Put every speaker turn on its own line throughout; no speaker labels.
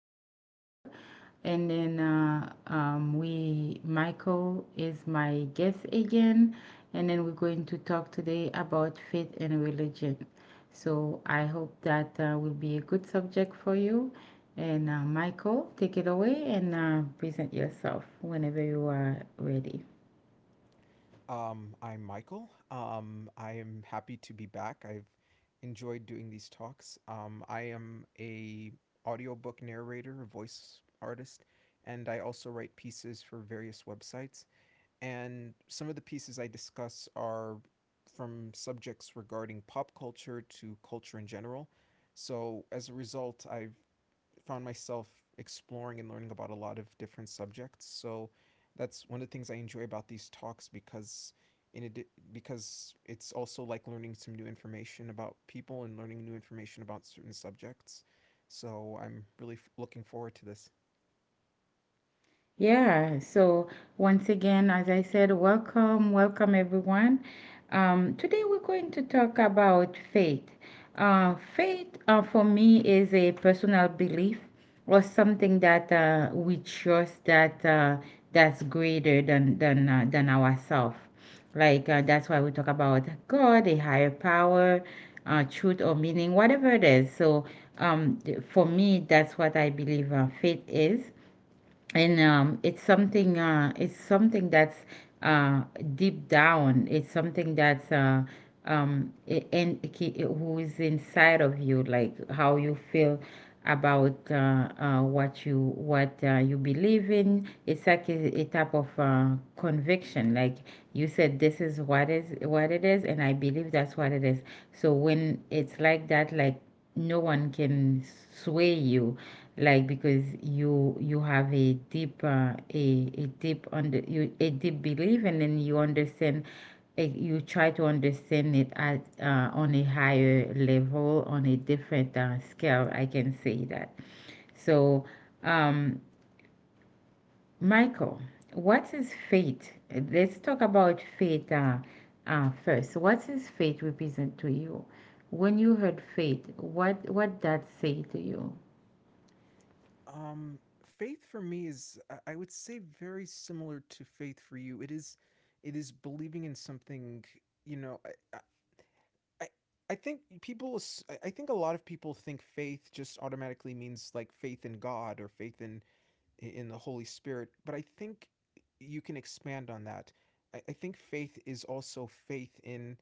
for being here. And then Michael is my guest again. And then we're going to talk today about faith and religion. So I hope that will be a good subject for you. And Michael, take it away and present yourself whenever you are ready.
I'm Michael. I am happy to be back. I've enjoyed doing these talks. I am a audiobook narrator, a voice artist, and I also write pieces for various websites. And some of the pieces I discuss are from subjects regarding pop culture to culture in general. So as a result, I've found myself exploring and learning about a lot of different subjects. So that's one of the things I enjoy about these talks because in it because it's also like learning some new information about people and learning new information about certain subjects. So I'm really looking forward to this.
Yeah, so once again, as I said, welcome everyone. Today we're going to talk about faith. Faith for me is a personal belief or something that we trust that that's greater than than ourselves. Like that's why we talk about God, a higher power, truth or meaning, whatever it is. So for me, that's what I believe faith is and it's something that's uh, deep down, it's something that's who is inside of you, like how you feel about what you believe in. It's like a type of conviction, like you said, this is what it is, and I believe that's what it is. So when it's like that, like no one can sway you, like because you have a deep under you a deep belief, and then you understand, you try to understand it at on a higher level, on a different scale, I can say that. So um Michael, what is faith? Let's talk about faith. First, what is faith represent to you? When you heard faith, what that say to you?
Um, Faith for me is I would say very similar to faith for you. It is believing in something. You know, I I think people I think a lot of people think faith just automatically means like faith in God or faith in the Holy Spirit, but I think you can expand on that. I think faith is also faith in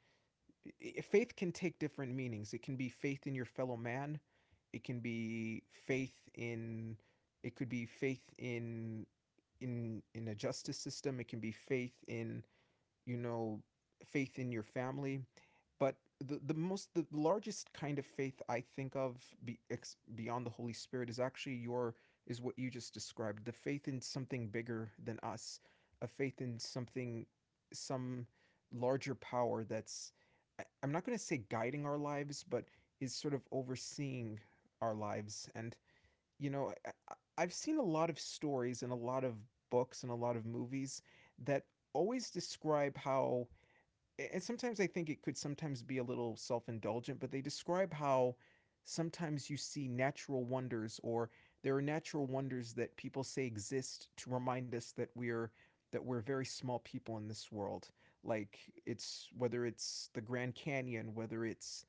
faith can take different meanings. It can be faith in your fellow man. It can be faith in it could be faith in in a justice system. It can be faith in you know, faith in your family. But the most, the largest kind of faith I think of beyond the Holy Spirit is actually is what you just described, the faith in something bigger than us, a faith in something, some larger power that's, I'm not going to say guiding our lives, but is sort of overseeing our lives. And you know, I have seen a lot of stories and a lot of books and a lot of movies that always describe how, and sometimes I think it could sometimes be a little self indulgent, but they describe how sometimes you see natural wonders or there are natural wonders that people say exist to remind us that we're very small people in this world, like it's whether it's the Grand Canyon,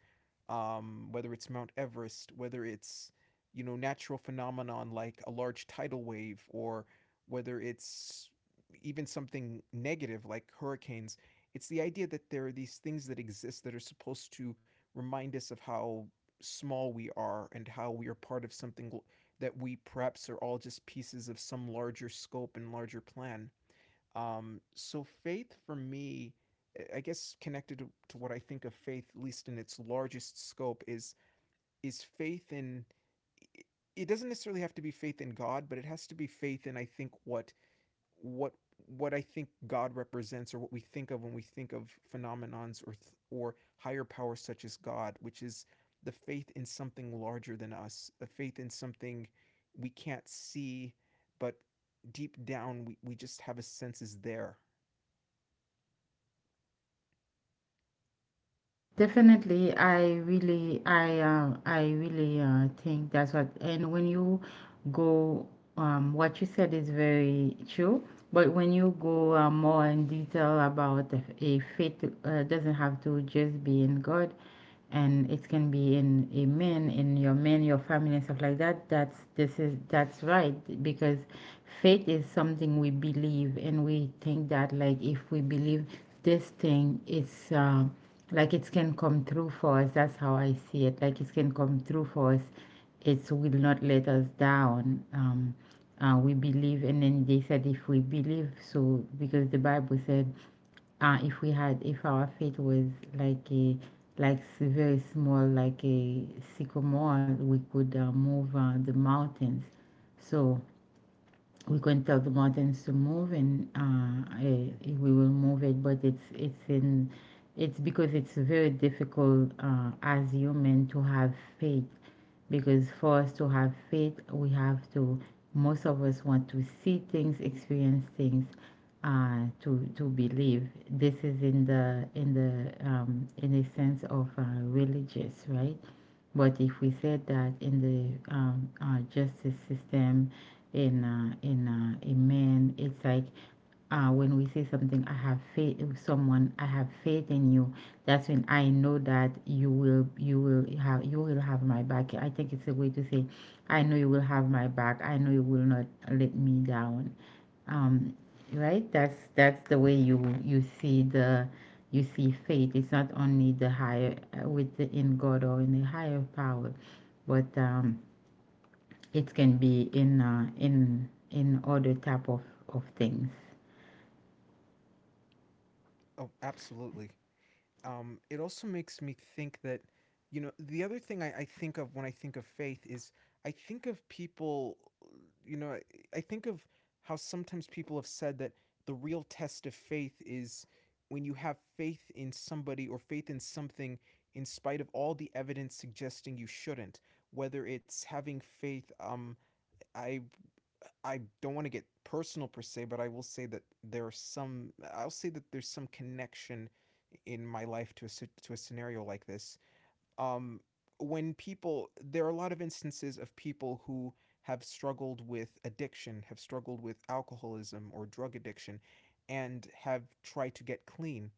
whether it's Mount Everest, whether it's, you know, natural phenomenon like a large tidal wave, or whether it's even something negative like hurricanes. It's the idea that there are these things that exist that are supposed to remind us of how small we are and how we are part of something, that we perhaps are all just pieces of some larger scope and larger plan. So faith for me, I guess connected to, what I think of faith, at least in its largest scope, is faith in. It doesn't necessarily have to be faith in God, but it has to be faith in I think what what what I think God represents, or what we think of when we think of phenomenons or higher powers such as God, which is the faith in something larger than us, a faith in something we can't see, but deep down we just have a sense is there.
Definitely, I really, I really think that's what. And when you go, what you said is very true. But when you go more in detail about a faith, doesn't have to just be in God, and it can be in a man, in your men, your family, and stuff like that. That's right, because faith is something we believe, and we think that like if we believe this thing, it's. Like it can come through for us. That's how I see it. Like it can come through for us. It will not let us down. We believe, and then they said if we believe so, because the Bible said if we had, if our faith was like a, like very small, like a sycamore, we could move the mountains. So we can tell the mountains to move and
Mm-hmm,
we will move it. But it's in it's because it's very difficult as human to have faith, because for us to have faith we have to, most of us want to see things, experience things to believe. This is in the in the sense of religious, right? But if we said that in the justice system, in men, it's like when we say something, I have faith in someone, I have faith in you. That's when I know that you will have my back. I think it's a way to say, I know you will have my back, I know you will not let me down.
mm-hmm.
Um, right? That's the way you see the, you see faith. It's not only the higher in God or in the higher power, but it can be in in other type of things.
Oh, absolutely. It also makes me think that, you know, the other thing I think of when I think of faith is I think of people, you know, I I- think of how sometimes people have said that the real test of faith is when you have faith in somebody or faith in something in spite of all the evidence suggesting you shouldn't, whether it's having faith, I don't want to get personal per se, but I will say that there are some. I'll say that there's some connection in my life to a scenario like this. Um, when people, there are a lot of instances of people who have struggled with addiction, have struggled with alcoholism or drug addiction, and have tried to get clean.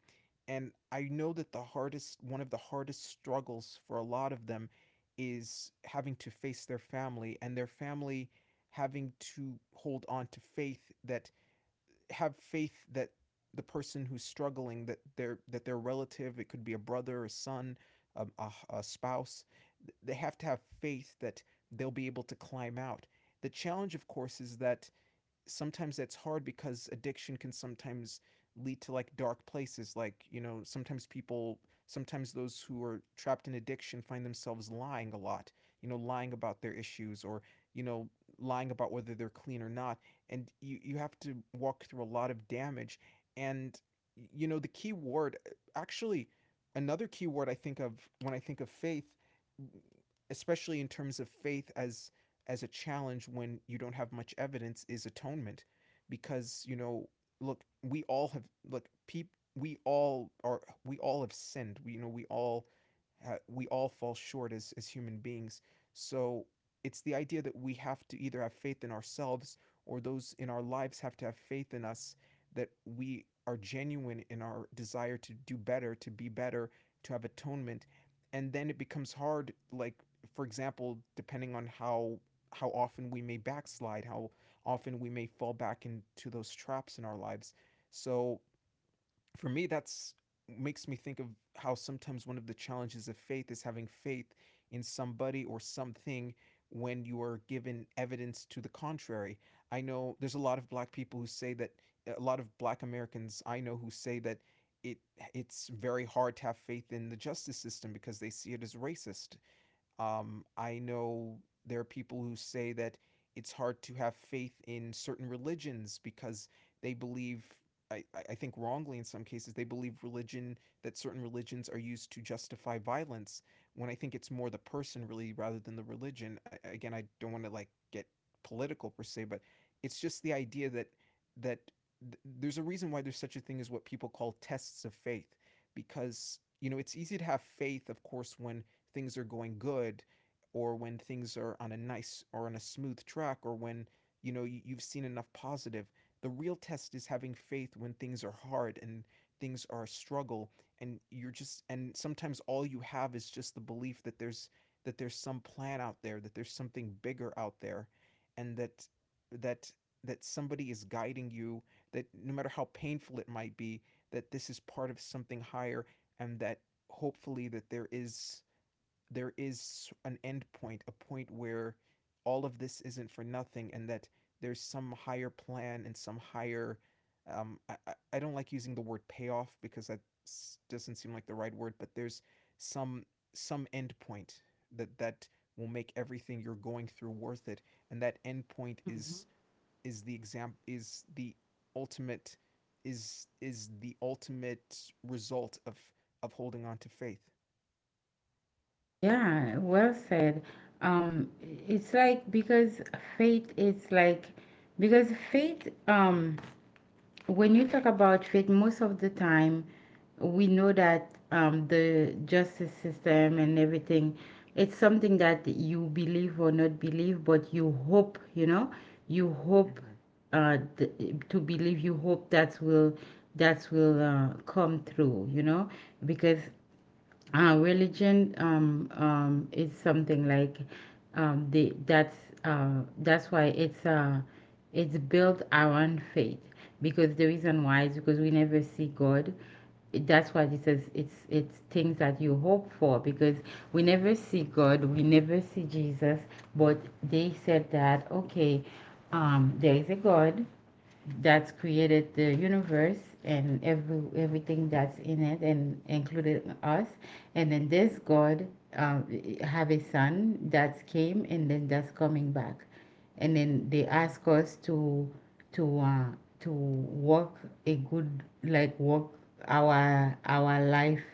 And I know that the hardest one of the hardest struggles for a lot of them is having to face their family, and their family having to hold on to faith that have faith that the person who's struggling, that their relative, it could be a brother, a son, a spouse, they have to have faith that they'll be able to climb out. The challenge of course is that sometimes that's hard because addiction can sometimes lead to like dark places, like you know sometimes people, sometimes those who are trapped in addiction find themselves lying a lot, you know, lying about their issues, or you know, lying about whether they're clean or not. And you have to walk through a lot of damage. And you know the key word, actually another key word I think of when I think of faith, especially in terms of faith as a challenge when you don't have much evidence, is atonement. Because you know, look, we all have, look peop, we all are, we all have sinned, we, you know, we all we all fall short as human beings. So it's the idea that we have to either have faith in ourselves, or those in our lives have to have faith in us, that we are genuine in our desire to do better, to be better, to have atonement. And then it becomes hard, like for example, depending on how often we may backslide, how often we may fall back into those traps in our lives. So for me, that's makes me think of how sometimes one of the challenges of faith is having faith in somebody or something when you are given evidence to the contrary. I know there's a lot of black people who say that, a lot of black Americans I know who say that it it's very hard to have faith in the justice system because they see it as racist. I know there are people who say that it's hard to have faith in certain religions because they believe, I think wrongly in some cases, they believe religion, that certain religions are used to justify violence, when I think it's more the person really rather than the religion. I, again, I don't want to like get political per se, but it's just the idea that that there's a reason why there's such a thing as what people call tests of faith, because you know it's easy to have faith of course when things are going good, or when things are on a nice or on a smooth track, or when you know you have seen enough positive. The real test is having faith when things are hard and things are a struggle, and you're just, and sometimes all you have is just the belief that there's some plan out there, that there's something bigger out there, and that that somebody is guiding you, that no matter how painful it might be, that this is part of something higher, and that hopefully that there is an end point, a point where all of this isn't for nothing, and that there's some higher plan and some higher. I- don't like using the word payoff because that doesn't seem like the right word, but there's some some end point that that will make everything you're going through worth it, and that end point
Mm-hmm.
is the exam is the ultimate, is the ultimate result of holding on to faith.
Yeah, well said. It's like because faith is like faith when you talk about faith, most of the time, we know that the justice system and everything, it's something that you believe or not believe, but you hope, you know, you hope
Mm-hmm.
uh, th- to believe, you hope that will come through, you know, because religion is something like the that's why it's built around faith, because the reason why is because we never see God. That's why it says it's things that you hope for, because we never see God, we never see Jesus, but they said that okay, there is a God that's created the universe and everything that's in it, and included us. And then this God, um, have a son that came and then that's coming back, and then they
Mm-hmm.
ask us to to uh, to walk a good like walk our life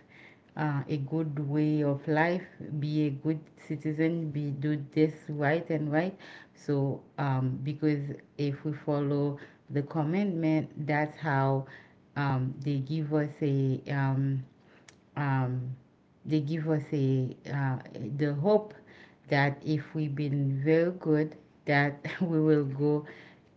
a good way of life, be a good citizen, be do this right and right. So because if we follow the commandment, that's how um, they give us a um, um, they give us a the hope that if we've been very good, that we will go,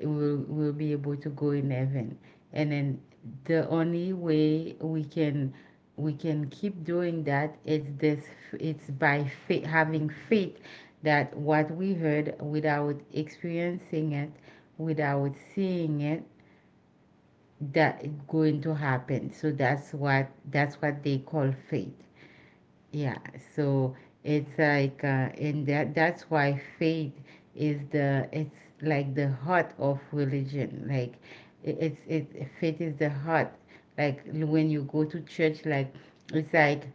we'll be able to go in heaven. And then the only way we can keep doing that is this, it's by faith, having faith that what we heard without experiencing it, without seeing it, that going to happen. So that's what, that's what they call faith. Yeah. So it's
Mm-hmm.
like and that that's why faith is the, it's like the heart of religion. Like it- it's it faith is the heart. Like when you go to church, like it's like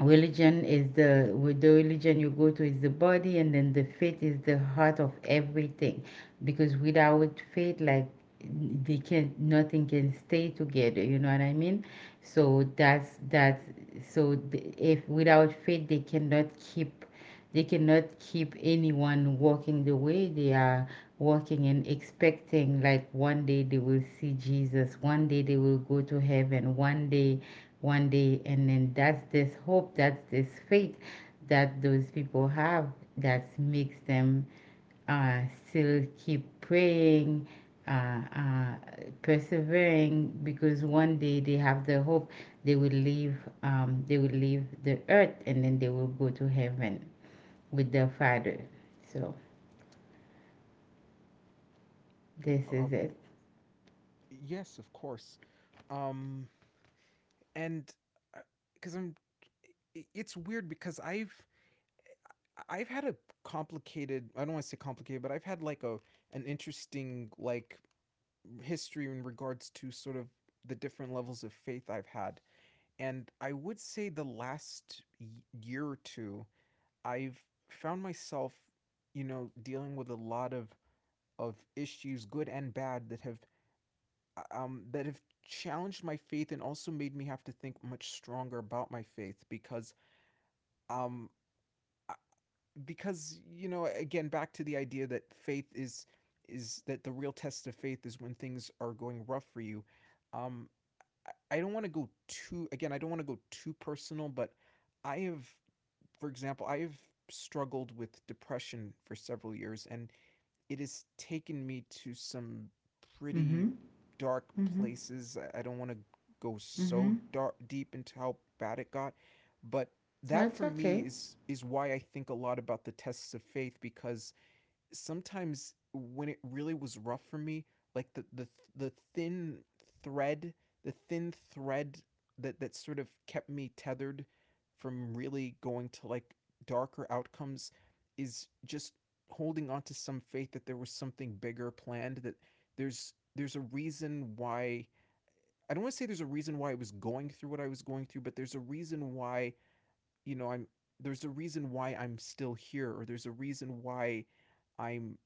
religion is the, with the religion you go to is the body, and then the faith is the heart of everything. Because without faith, like they can, nothing can stay together, you know what I mean? So that's so if without faith, they cannot keep, they cannot keep anyone walking the way they are walking and expecting like one day they will see Jesus, one day they will go to heaven, one day. And then that's this hope, that's this faith that those people have, that makes them uh, still keep praying, uh, uh, persevering, because one day they have the hope, they will leave, they will leave the earth and then they will go to heaven with their father. So this is
Um,
it.
yes, of course. Um, and because I'm, it's weird because I've had a complicated. I don't want to say complicated, but I've had like a an interesting like history in regards to sort of the different levels of faith I've had, and I would say the last year or two I've found myself, you know, dealing with a lot of issues, good and bad, that have challenged my faith, and also made me have to think much stronger about my faith um, because you know, again back to the idea that faith is that the real test of faith is when things are going rough for you. Um, I don't want to go too, again, I don't want to go too personal, but I have, for example, I have struggled with depression for several years, and it has taken me to some
Mm-hmm.
pretty dark
Mm-hmm.
places. Don't want to go so
Mm-hmm.
dark deep into how bad it got, but that
That's
for me
okay.
is why I think a lot about the tests of faith because sometimes when it really was rough for me, like the thread, thin thread that sort of kept me tethered from really going to like darker outcomes is just holding on to some faith that there was something bigger planned, that there's a reason why. I don't want to say there's a reason why I was going through what I was going through, but there's a reason why, you know, I'm there's a reason why I'm still here, or there's a reason why I'm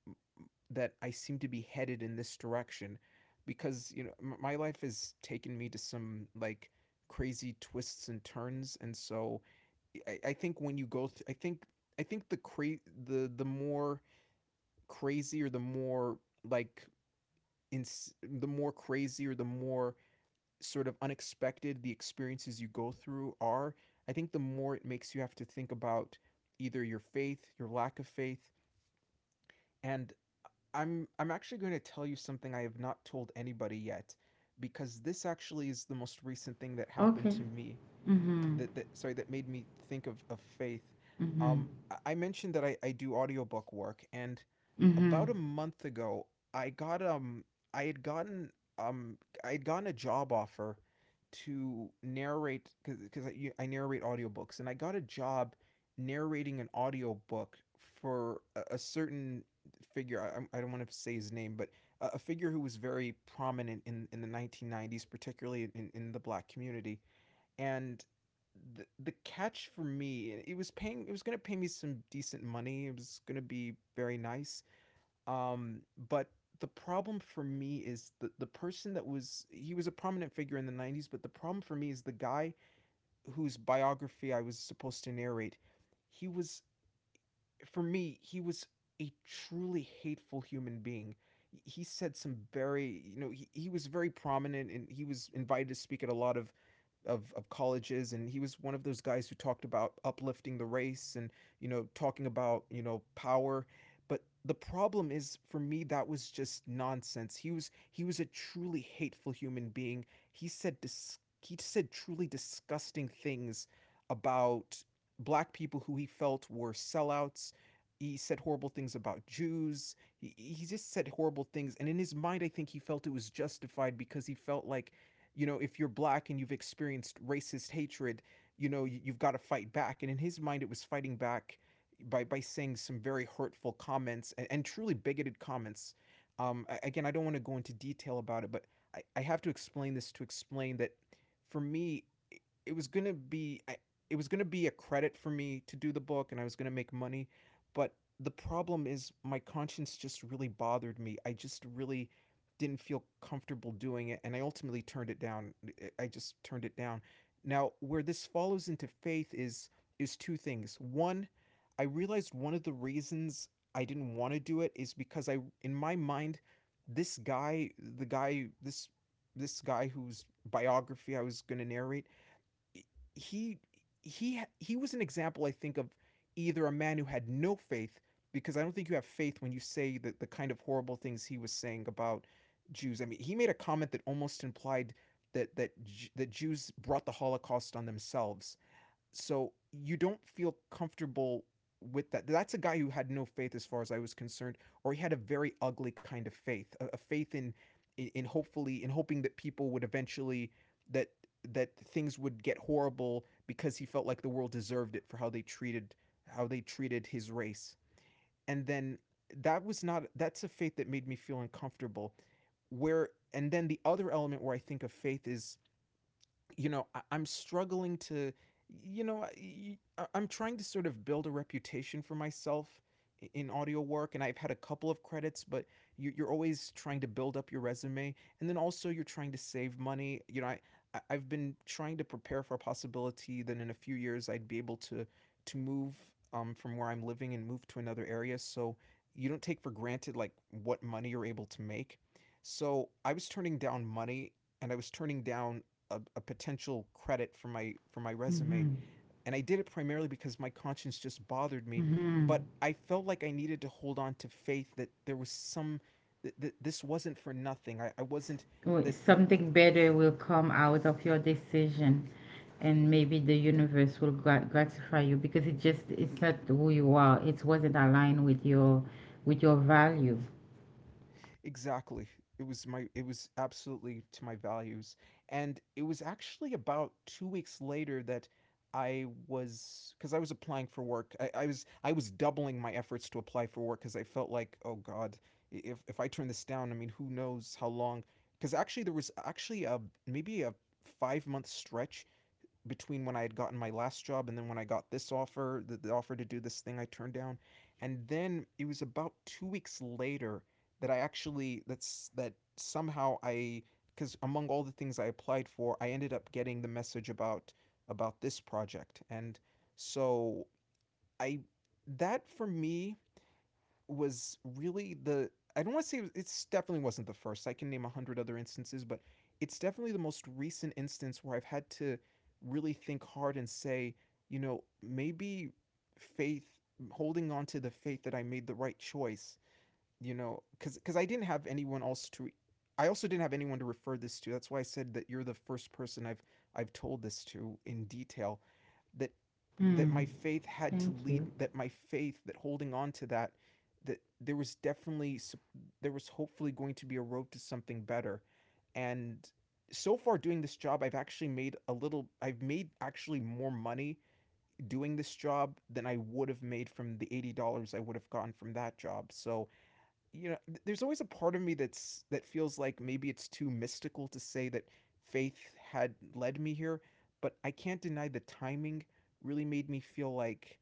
that I seem to be headed in this direction, because you know my life has taken me to some like crazy twists and turns. And so I think when I think I think the more crazy or the more like in the more crazy or the more sort of unexpected the experiences you go through are, I think the more it makes you have to think about either your faith, your lack of faith. And I'm actually going to tell you something I have not told anybody yet, because this actually is the most recent thing that happened
Okay.
to me,
Mm-hmm.
that made me think of faith.
Mm-hmm.
I mentioned that I do audiobook work. And
Mm-hmm.
about a month ago I got I had gotten um I had gotten a job offer to narrate, because I narrate audiobooks. And I got a job narrating an audiobook for a certain figure. I, I'm- I do not want to say his name, but a figure who was very prominent in the 1990s, particularly in the black community. And the catch for me, it was paying, it was going to pay me some decent money, it was going to be very nice. Um but the problem for me is the person that was, he was a prominent figure in the 90s, but the problem for me is the guy whose biography I was supposed to narrate, he was, for me he was a truly hateful human being. He said some, very, you know, he was very prominent and he was invited to speak at a lot of of colleges, and he was one of those guys who talked about uplifting the race and, you know, talking about, you know, power. But the problem is, for me that was just nonsense. He was a truly hateful human being. He said truly disgusting things about black people who he felt were sellouts. He said horrible things about Jews. He just said horrible things. And in his mind, I think he felt it was justified, because he felt like, you know, if you're black and you've experienced racist hatred, you know, you have got to fight back. And in his mind, it was fighting back by saying some very hurtful comments, and truly bigoted comments. Again, I don't want to go into detail about it, but I have to explain this to explain that, for me, it was going to be, it was going to be a credit for me to do the book, and I was going to make money. But the problem is, my conscience just really bothered me. I just really didn't feel comfortable doing it, and I ultimately turned it down. I just turned it down. Now, where this follows into faith is two things. One, I realized one of the reasons I didn't want to do it is because, I, in my mind, this guy, the guy this this guy whose biography I was going to narrate, he he was an example, I think, of either a man who had no faith, because I don't think you have faith when you say the kind of horrible things he was saying about Jews. I mean, he made a comment that almost implied that that that Jews brought the Holocaust on themselves. So you don't feel comfortable with that. That's a guy who had no faith, as far as I was concerned, or he had a very ugly kind of faith, a faith in hopefully in hoping that people would eventually, that that things would get horrible because he felt like the world deserved it for how they treated, how they treated his race. And then that was not, that's a faith that made me feel uncomfortable. Where, and then the other element where I think of faith is, you know, I'm struggling to, you know, I'm trying to sort of build a reputation for myself in audio work, and I've had a couple of credits. But you- you're always trying to build up your resume, and then also you're trying to save money. You know, I, I've been trying to prepare for a possibility that in a few years I'd be able to move from where I'm living and move to another area. So you don't take for granted like what money you're able to make. So I was turning down money, and I was turning down a potential credit for my, for my resume.
Mm-hmm.
And I did it primarily because my conscience just bothered me,
Mhm.
but I felt like I needed to hold on to faith that there was some, that this wasn't for nothing. I wasn't
Well,
that.
something better will come out of your decision, and maybe the universe will gratify you, because it just, it's not who you are. It wasn't aligned with your, with your value.
Exactly. It was my, it was absolutely to my values. And it was actually about 2 weeks later that I was, cuz I was applying for work. I was doubling my efforts to apply for work, cuz I felt like, "Oh god, if I turn this down, I mean, who knows how long?" Cuz actually there was actually a, maybe a 5-month stretch between when I had gotten my last job and then when I got this offer, the offer to do this thing I turned down. And then it was about 2 weeks later that I actually, that's, that somehow I, because among all the things I applied for, I ended up getting the message about this project. And so I, that for me was really the, I don't want to say it's definitely wasn't the first. I can name 100 other instances, but it's definitely the most recent instance where I've had to really think hard and say, you know, maybe faith, holding on to the faith that I made the right choice, you know, because I didn't have anyone else to. I also didn't have anyone to refer this to. That's why I said that you're the first person I've told this to in detail, that, that
Hmm.
my faith had to
Thank you.
lead, that my faith, that holding on to that, that there was definitely, there was hopefully going to be a road to something better. And so far, doing this job, I've actually made a little I've made actually more money doing this job than I would have made from the $80 I would have gotten from that job. So, you know, there's always a part of me that feels like maybe it's too mystical to say that faith had led me here, but I can't deny the timing really made me feel like,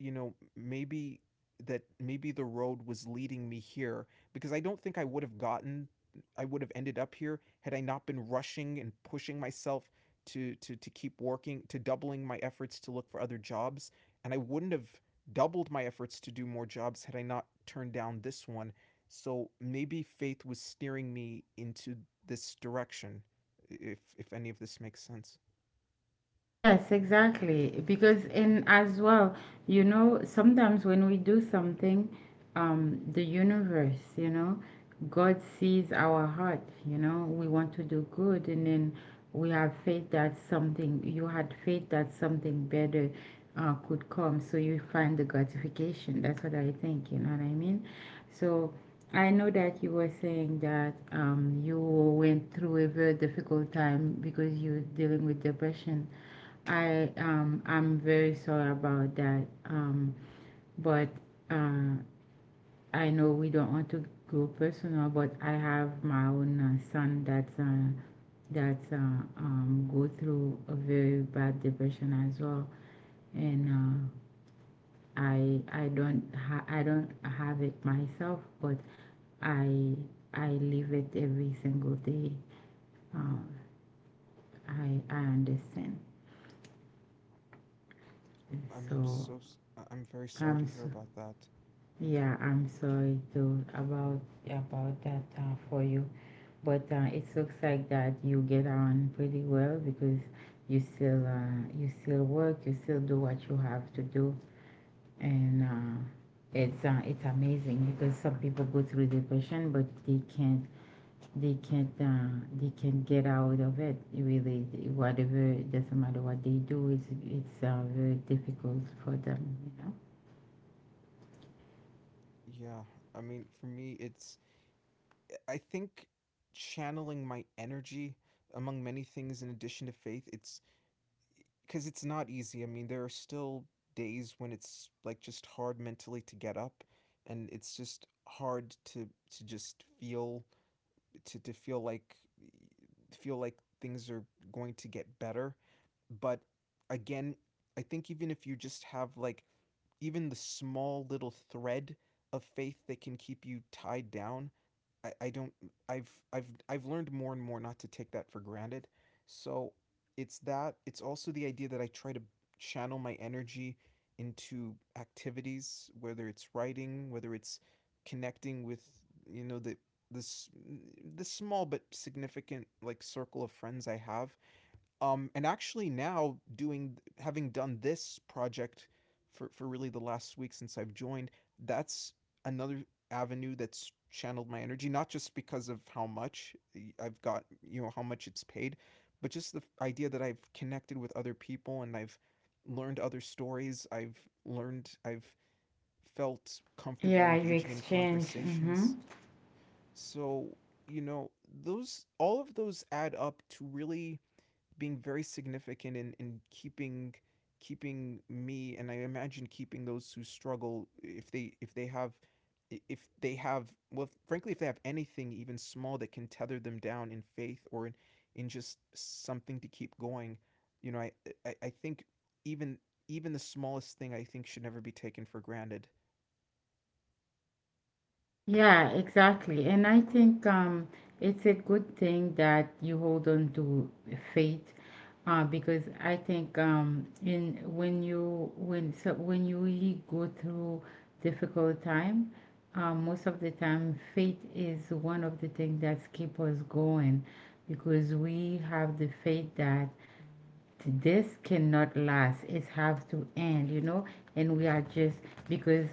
you know, maybe, that maybe the road was leading me here, because I don't think I would have gotten, I would have ended up here had I not been rushing and pushing myself to keep working, to doubling my efforts to look for other jobs. And I wouldn't have doubled my efforts to do more jobs had I not turned down this one. So maybe faith was steering me into this direction, if any of this makes sense.
Yes, exactly. Because in as well, you know, sometimes when we do something, the universe, you know, God sees our heart, you know, we want to do good, and then we have faith that something, you had faith that something better could come. So you find the gratification. That's what I think, you know what I mean? So I know that you were saying that you went through a very difficult time because you were dealing with depression. I'm very sorry about that. But uh, I know we don't want to go personal, but I have my own son that's go through a very bad depression as well, and I don't have it myself, but I I live it every single day. Uh, I understand.
I'm
So
so s- I- I'm very sorry
I'm
to hear
so.
about that.
Yeah, I'm sorry to about that for you, but it looks like that you get on pretty well, because you still work, you still do what you have to do, and it's amazing because some people go through depression, but they can't, they can't uh, they can't get out of it. Really, whatever, it doesn't matter what they do, it's very difficult for them. You know.
Yeah, I mean, for me, it's, I think, channeling my energy among many things in addition to faith. It's, because it's not easy. I mean, there are still days when it's like just hard mentally to get up, and it's just hard to just feel, to feel like, feel like things are going to get better. But again, I think even if you just have like even the small little thread of faith that can keep you tied down, I don't, I've learned more and more not to take that for granted. So it's that, it's also the idea that I try to channel my energy into activities, whether it's writing, whether it's connecting with, you know, this the small but significant like circle of friends I have. And actually now doing, having done this project for really the last week since I've joined, that's another avenue that's channeled my energy, not just because of how much I've got, you know, how much it's paid, but just the idea that I've connected with other people, and I've learned other stories. I've felt comfortable
Yeah, you
engaging in
exchange. Mm-hmm.
conversations. So, you know, all of those add up to really being very significant in, in keeping me and I imagine keeping those who struggle if they have if they have well frankly if they have anything even small that can tether them down in faith or in just something to keep going. You know I, I i think even even the smallest thing I think should never be taken for granted.
Yeah, exactly. And I think it's a good thing that you hold on to faith, because I think in when you when so when you really go through difficult time, most of the time faith is one of the things that keep us going, because we have the faith that this cannot last. It have to end, you know, and we are just, because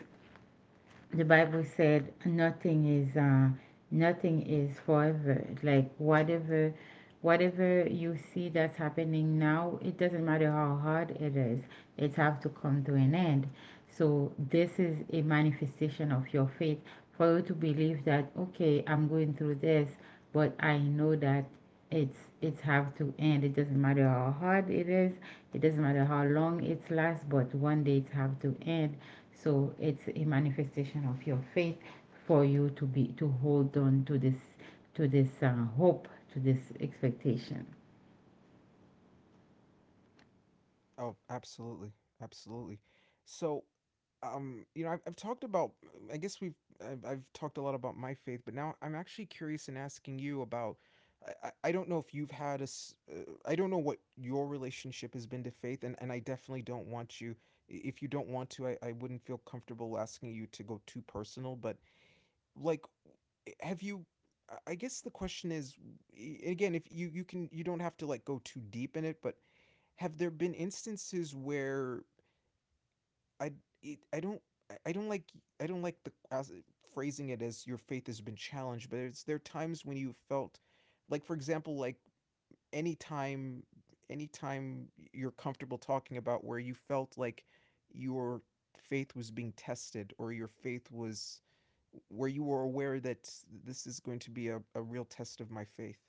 the Bible said nothing is nothing is forever. Like whatever you see that's happening now, it doesn't matter how hard it is, it have to come to an end. So this is a manifestation of your faith, for you to believe that okay, I'm going through this, but I know that it's have to end. It doesn't matter how hard it is. It doesn't matter how long it lasts. But one day it have to end. So it's a manifestation of your faith, for you to be to hold on to this, to this hope, to this expectation.
Oh, absolutely, absolutely. So, I've talked about. I guess we've I've talked a lot about my faith, but now I'm actually curious in asking you about. I don't know if you've had a. I don't know what your relationship has been to faith, and I definitely don't want you. If you don't want to, I wouldn't feel comfortable asking you to go too personal. Like, have you? I guess the question is, again, if you can, you don't have to like go too deep in it, but have there been instances where I it, I- don't like I don't like the as, phrasing it as your faith has been challenged, but it's there are times when you felt like, for example, like any time, any time you're comfortable talking about where you felt like your faith was being tested or your faith was where you were aware that this is going to be a real test of my faith.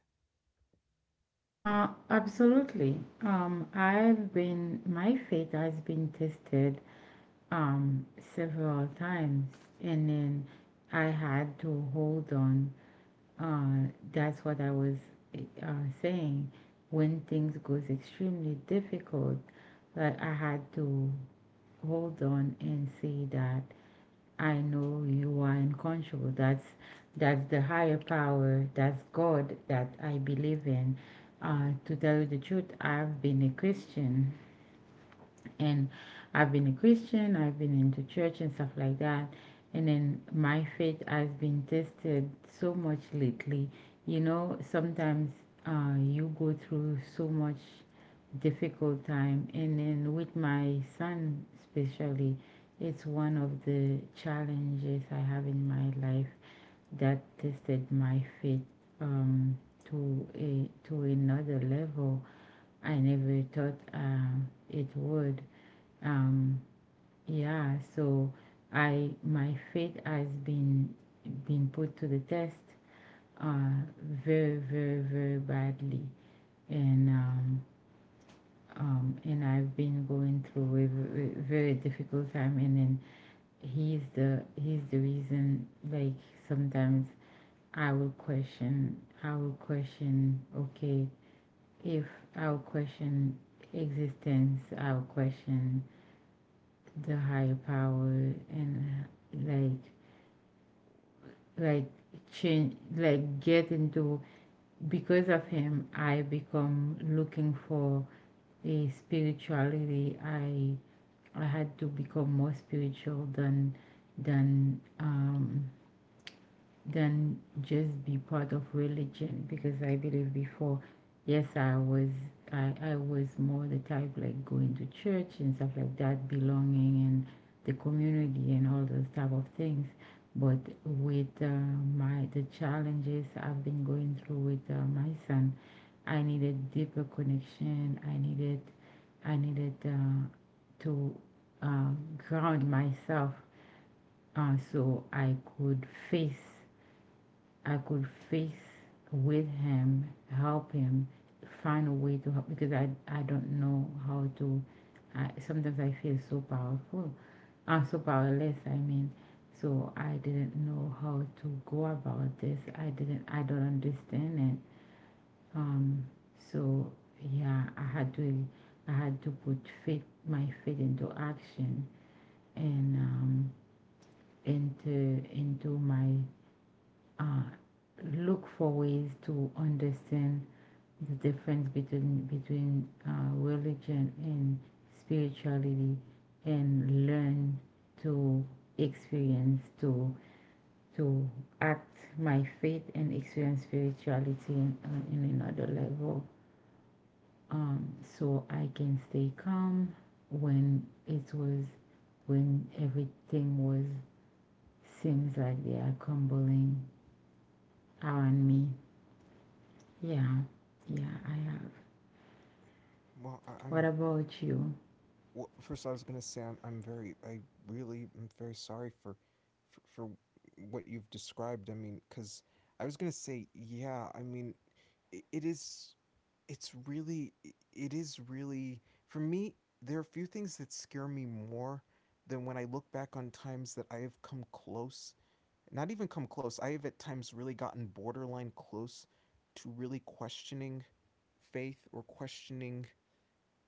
Absolutely. I've been My faith has been tested um, several times, and then I had to hold on. That's what I was uh, saying. When things goes extremely difficult, like I had to hold on and say that I know you are in control. That's the higher power. That's God that I believe in. To tell you the truth, I've been a Christian and I've been a Christian, I've been into church and stuff like that. And then my faith has been tested so much lately. You know, sometimes you go through so much difficult time, and then with my son, especially, it's one of the challenges I have in my life that tested my faith um, to a to another level I never thought it would. Um, yeah, so I my faith has been put to the test, uh, very, very, very badly, and um, and I've been going through a very, very difficult time, and then he's the reason. Like sometimes I will question. Okay, if I'll question existence, I'll question the higher power, and like like change like get into because of him I become looking for a spirituality. I had to become more spiritual than than than just be part of religion because I believe before, yes, I was I was more the type like going to church and stuff like that, belonging and the community and all those type of things. But with my the challenges I've been going through with my son, I needed deeper connection. I needed I needed uh, to uh, ground myself so I could face I could face with him, help him find a way to help because I don't know how to. Sometimes I feel so powerful, I'm so powerless. I mean, so I didn't know how to go about this. I didn't. I don't understand it. Um. So yeah, I had to. I had to put faith, my faith into action and into my uh, look for ways to understand the difference between religion and spirituality, and learn to experience to act my faith and experience spirituality in another level, so I can stay calm when it was when everything was seems like they are crumbling around me. Yeah, yeah, I have.
Well, I, I'm
What about you?
first I was gonna say I really am very sorry for, for what you've described. I mean, cause I was gonna say yeah. I mean, it is it is really for me. There are few things that scare me more than when I look back on times that I have come close. Not even come close. I have at times really gotten borderline close to really questioning faith or questioning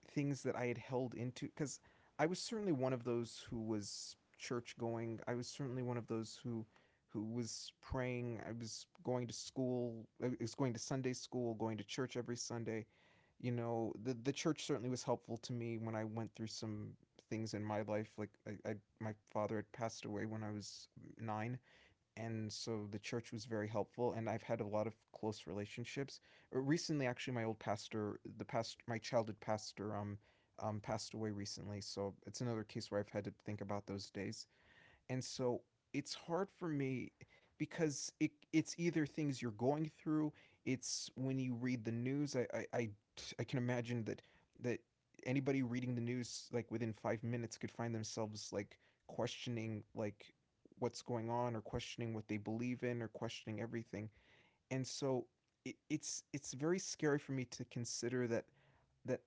things that I had held into, because I was certainly one of those who was church going. I was certainly one of those who was praying. I was going to school. I was going to Sunday school, going to church every Sunday. You know, the church certainly was helpful to me when I went through some things in my life. I. My father had passed away when I was nine, and so the church was very helpful and I've had a lot of close relationships. Recently, actually, my old pastor, the past my childhood pastor, passed away recently, so it's another case where I've had to think about those days. And so it's hard for me, because it's either things you're going through, it's when you read the news. I can imagine that that anybody reading the news like within five minutes could find themselves like questioning, like what's going on, or questioning what they believe in, or questioning everything. And so it's very scary for me to consider that that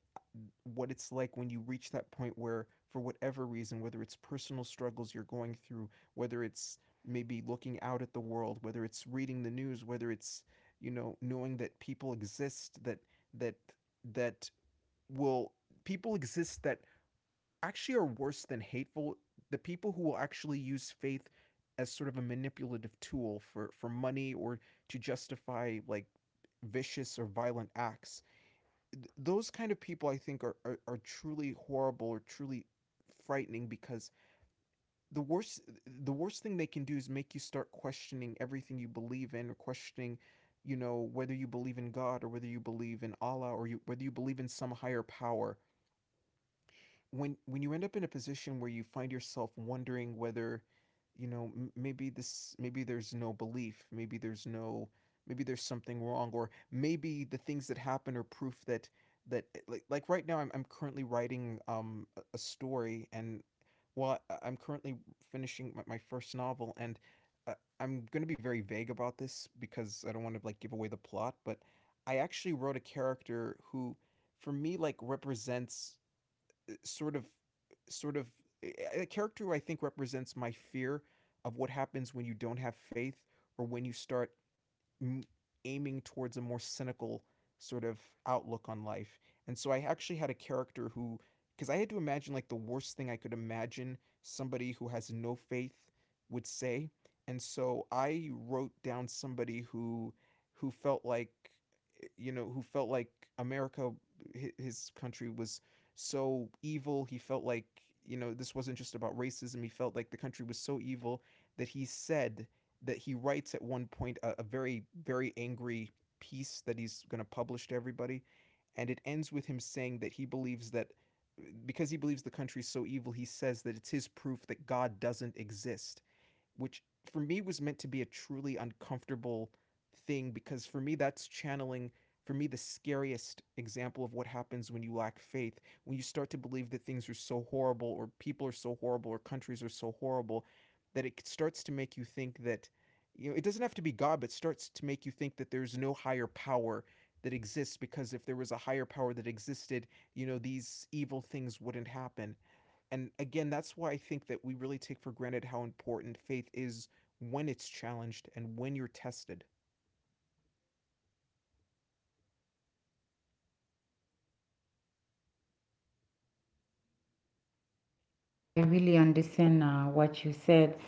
what it's like when you reach that point where, for whatever reason, whether it's personal struggles you're going through, whether it's maybe looking out at the world, whether it's reading the news, whether it's, you know, knowing that people exist that that that will people exist that actually are worse than hateful, the people who will actually use faith as sort of a manipulative tool for money or to justify like vicious or violent acts. Those kind of people I think are, are truly horrible or truly frightening, because the worst, the worst thing they can do is make you start questioning everything you believe in, or questioning, you know, whether you believe in God or whether you believe in Allah, or whether you believe in some higher power. When you end up in a position where you find yourself wondering whether, maybe this maybe there's no belief, maybe there's no, maybe there's something wrong, or maybe the things that happen are proof that like right now I'm currently writing a story, and while I'm currently finishing my first novel. And uh, I'm going to be very vague about this because I don't want to like give away the plot, but I actually wrote a character who, for me, like represents sort of sort of eh, a character who I think represents my fear of what happens when you don't have faith, or when you start aiming towards a more cynical sort of outlook on life. And so I actually had a character who, because I had to imagine like the worst thing I could imagine somebody who has no faith would say. And so I wrote down somebody who felt like, you know, who felt like America, his country, was so evil. He felt like, you know, this wasn't just about racism. He felt like the country was so evil that he said, that he writes at one point a very very angry piece that he's going to publish to everybody, and it ends with him saying that he believes that, because he believes the country's so evil, he says that it's his proof that God doesn't exist. Which for me was meant to be a truly uncomfortable thing, because for me that's channeling, for me, the scariest example of what happens when you lack faith, when you start to believe that things are so horrible, or people are so horrible, or countries are so horrible, that it starts to make you think that, you know, it doesn't have to be God, but starts to make you think that there's no higher power that exists, because if there was a higher power that existed, you know, these evil things wouldn't happen. And again, that's why I think that we really take for granted how important faith is when it's challenged and when you're tested.
I really understand what you said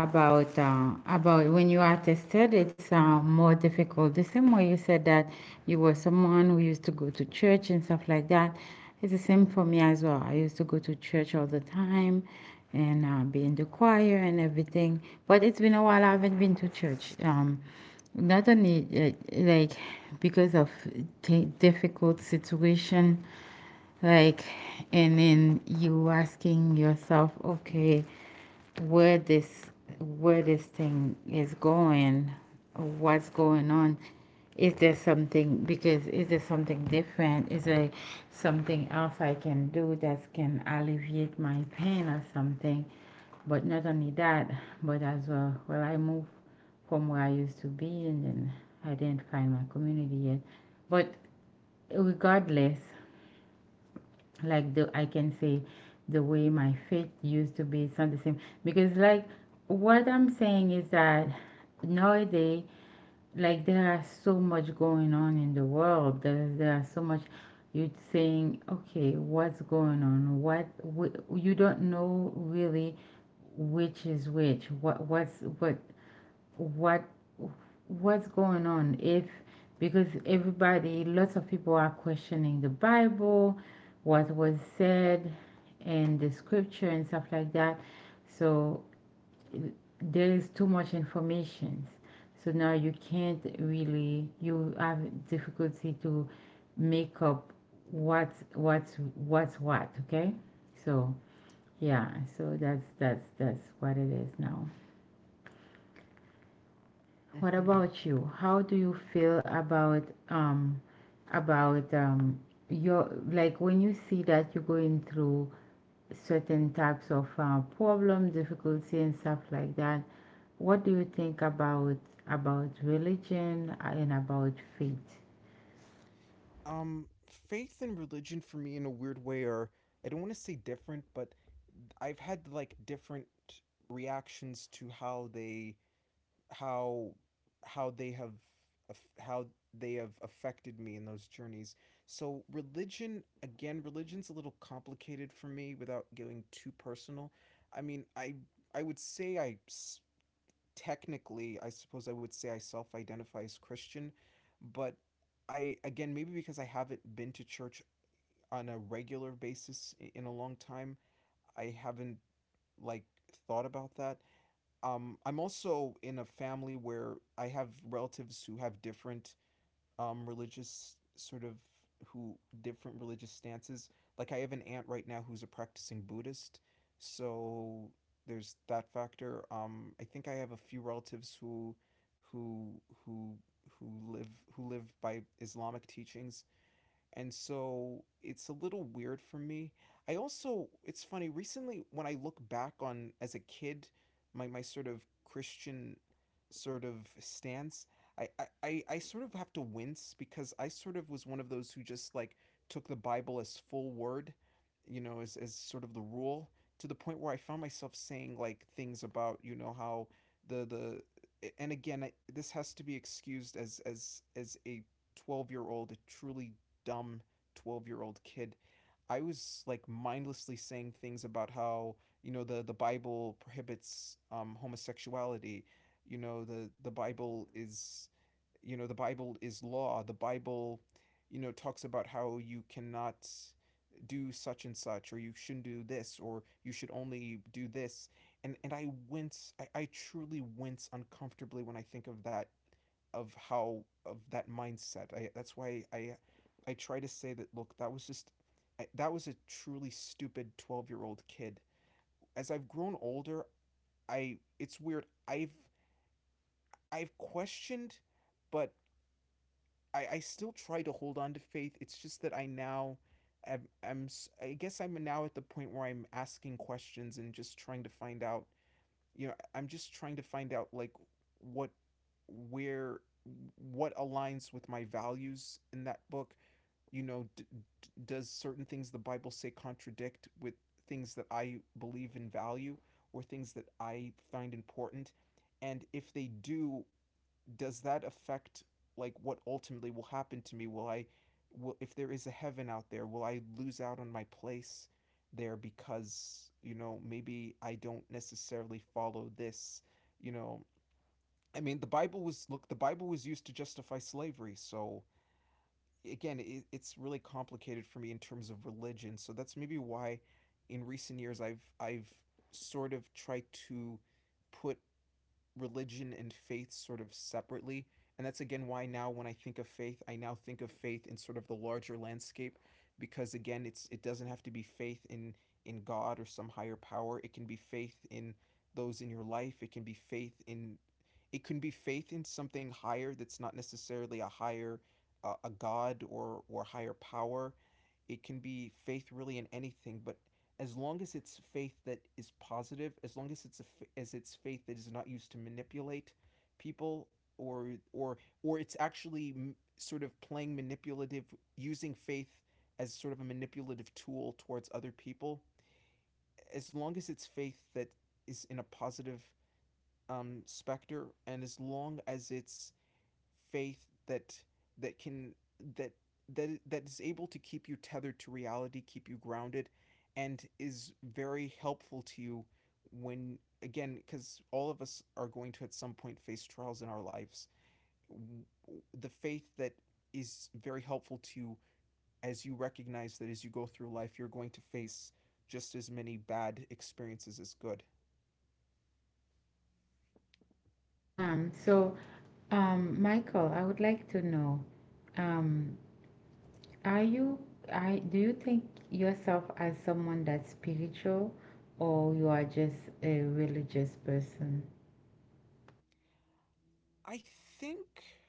about when you are tested. It's more difficult. The same way you said that you were someone who used to go to church and stuff like that. It's the same for me as well. I used to go to church all the time and be in the choir and everything. But it's been a while. I haven't been to church. Not only like because of difficult situation. Like, and then you asking yourself, okay, where this thing is going, what's going on? Is there something because is there something different? Is there something else I can do that can alleviate my pain or something? But not only that, but as well, well, I move from where I used to be, and then I didn't find my community yet. But regardless, like the I can say the way my faith used to be it's not the same because like what I'm saying is that nowadays like there are so much going on in the world, there are so much, you're saying okay what's going on, what you don't know really which is which, what what what's going on if because everybody, lots of people are questioning the Bible, what was said, and the scripture and stuff like that. So there is too much information, so now you can't really, you have difficulty to make up what's what okay. So yeah, so that's what it is now. What
Mm-hmm.
about you? How do you feel about um about um your, like, when you see that you're going through certain types of problem, difficulty and stuff like that? What do you think about religion and about faith?
Faith and religion for me, in a weird way, are, I don't want to say different, but I've had like different reactions to how they, how how they have, how they have affected me in those journeys. So religion, again, religion's a little complicated for me without getting too personal. I I would say technically I suppose I would say I self-identify as Christian, but I, again, maybe because I haven't been to church on a regular basis in a long time, I haven't like thought about that. I'm also in a family where I have relatives who have different religious sort of, who different religious stances. Like I have an aunt right now who's a practicing Buddhist, so there's that factor. I think I have a few relatives who who who live, who live by Islamic teachings, and so it's a little weird for me. I also, it's funny, recently when I look back on as a kid, my sort of Christian sort of stance, I sort of have to wince, because I sort of was one of those who just like took the Bible as full word, you know, as sort of the rule, to the point where I found myself saying like things about, you know, how and again, this has to be excused as, as a 12-year-old, a truly dumb 12-year-old kid. I was like mindlessly saying things about how, you know, the bible prohibits homosexuality, you know, the Bible is, you know, the Bible is law, the Bible, you know, talks about how you cannot do such and such, or you shouldn't do this, or you should only do this. And I wince, I truly wince uncomfortably when I think of that, of how, of that mindset. I That's why I try to say that look, that was a truly stupid 12-year-old kid. As I've grown older, I it's weird. I've questioned, but I still try to hold on to faith. It's just that I now am, I guess I'm now at the point where I'm asking questions and just trying to find out, you know, I'm just trying to find out like what where what aligns with my values in that book. You know, does certain things the Bible say contradict with things that I believe in, value, or things that I find important? And if they do, does that affect like what ultimately will happen to me? Will if there is a heaven out there, will I lose out on my place there, because, you know, maybe I don't necessarily follow this, you know, I mean, the Bible was look, the Bible was used to justify slavery, so again, it's really complicated for me in terms of religion. So that's maybe why in recent years I've sort of tried to put religion and faith sort of separately. And that's again why now when I think of faith, I now think of faith in sort of the larger landscape because again it doesn't have to be faith in God or some higher power. It can be faith in those in your life. It can be faith in something higher that's not necessarily a higher a god or higher power. It can be faith really in anything, but as long as it's faith that is positive, as long as it's a as it's faith that is not used to manipulate people or it's actually sort of playing manipulative, using faith as sort of a manipulative tool towards other people, as long as it's faith that is in a positive specter, and as long as it's faith that that can that that is able to keep you tethered to reality, keep you grounded, and is very helpful to you when, again, because all of us are going to at some point face trials in our lives, the faith that is very helpful to you as you recognize that as you go through life you're going to face just as many bad experiences as good.
Um, so Michael, I would like to know, um, are you, I do you think yourself as someone that's spiritual or you are just a religious person?
I think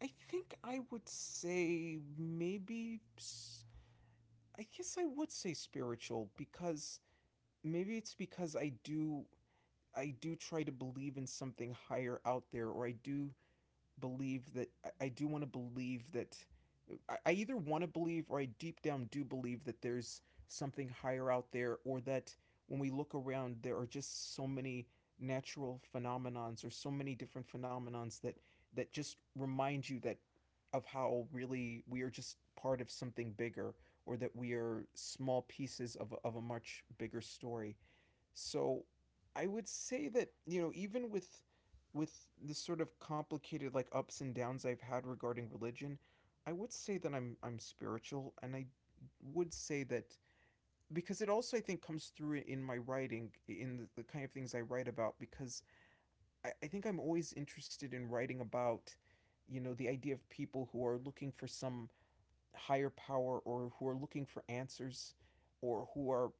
I would say maybe, I guess I would say spiritual, because maybe it's because I do, I do try to believe in something higher out there. Or I do believe that I do want to believe that I either want to believe, or I deep down do believe that there's something higher out there, or that when we look around there are just so many natural phenomenons or so many different phenomenons that just remind you that of how really we are just part of something bigger, or that we are small pieces of a much bigger story. So I would say that, you know, even with this sort of complicated like ups and downs I've had regarding religion, I would say that I'm spiritual. And I would say that because it also I think comes through in my writing, in the kind of things I write about, because I think I'm always interested in writing about, you know, the idea of people who are looking for some higher power, or who are looking for answers, or who are,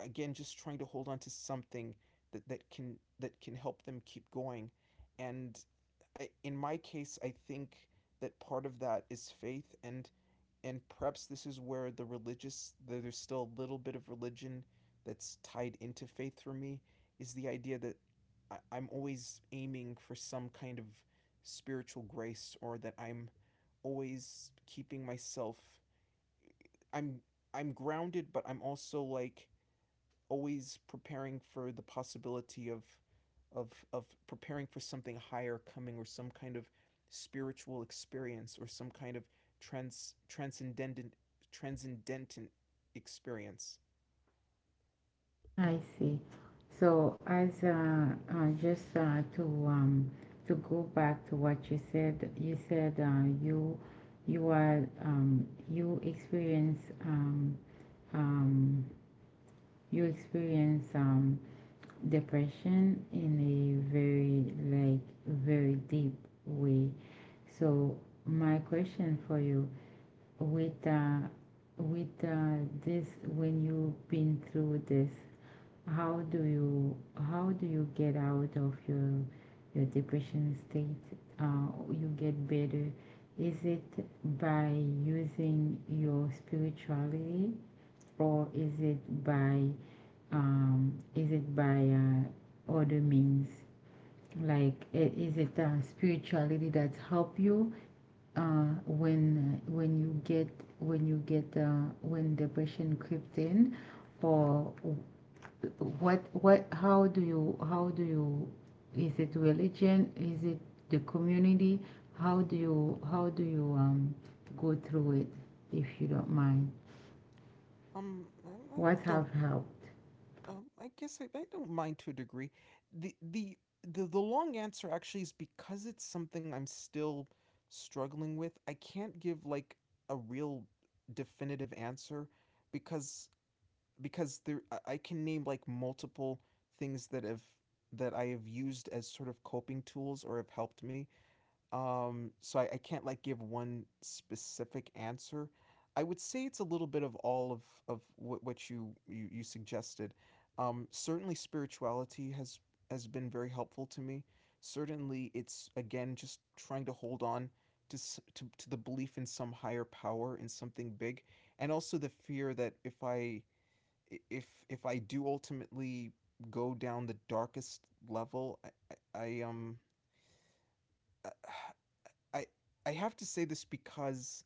again, just trying to hold on to something that, that can help them keep going. And in my case I think that part of that is faith. And perhaps this is where the religious, there's still a little bit of religion that's tied into faith for me, is the idea that I'm always aiming for some kind of spiritual grace, or that I'm always keeping myself i'm I'm grounded, but I'm also like always preparing for the possibility of of preparing for something higher coming, or some kind of spiritual experience, or some kind of transcendent transcendent experience.
I see. So as just to go back to what you said, you said you you are, you experience um, um, you experience, depression in a very like very deep way. So my question for you, with uh, with this, when you've been through this, how do you get out of your depression state? You get better. Is it by using your spirituality, or is it by other means? Like is it spirituality that help you when you get when depression crept in, or what how do you is it religion, is it the community, how do you go through it, if you don't mind,
I
what have
don't.
helped.
I guess I don't mind to a degree. The the long answer actually is because it's something I'm still struggling with. I can't give like a real definitive answer because there can name like multiple things that have that I have used as sort of coping tools, or have helped me. So I can't like give one specific answer. I would say it's a little bit of all of what, you suggested. Certainly, spirituality has been very helpful to me. Certainly, it's, again, just trying to hold on to the belief in some higher power, in something big. And also the fear that if I if I do ultimately go down the darkest level, I, I um I I have to say this, because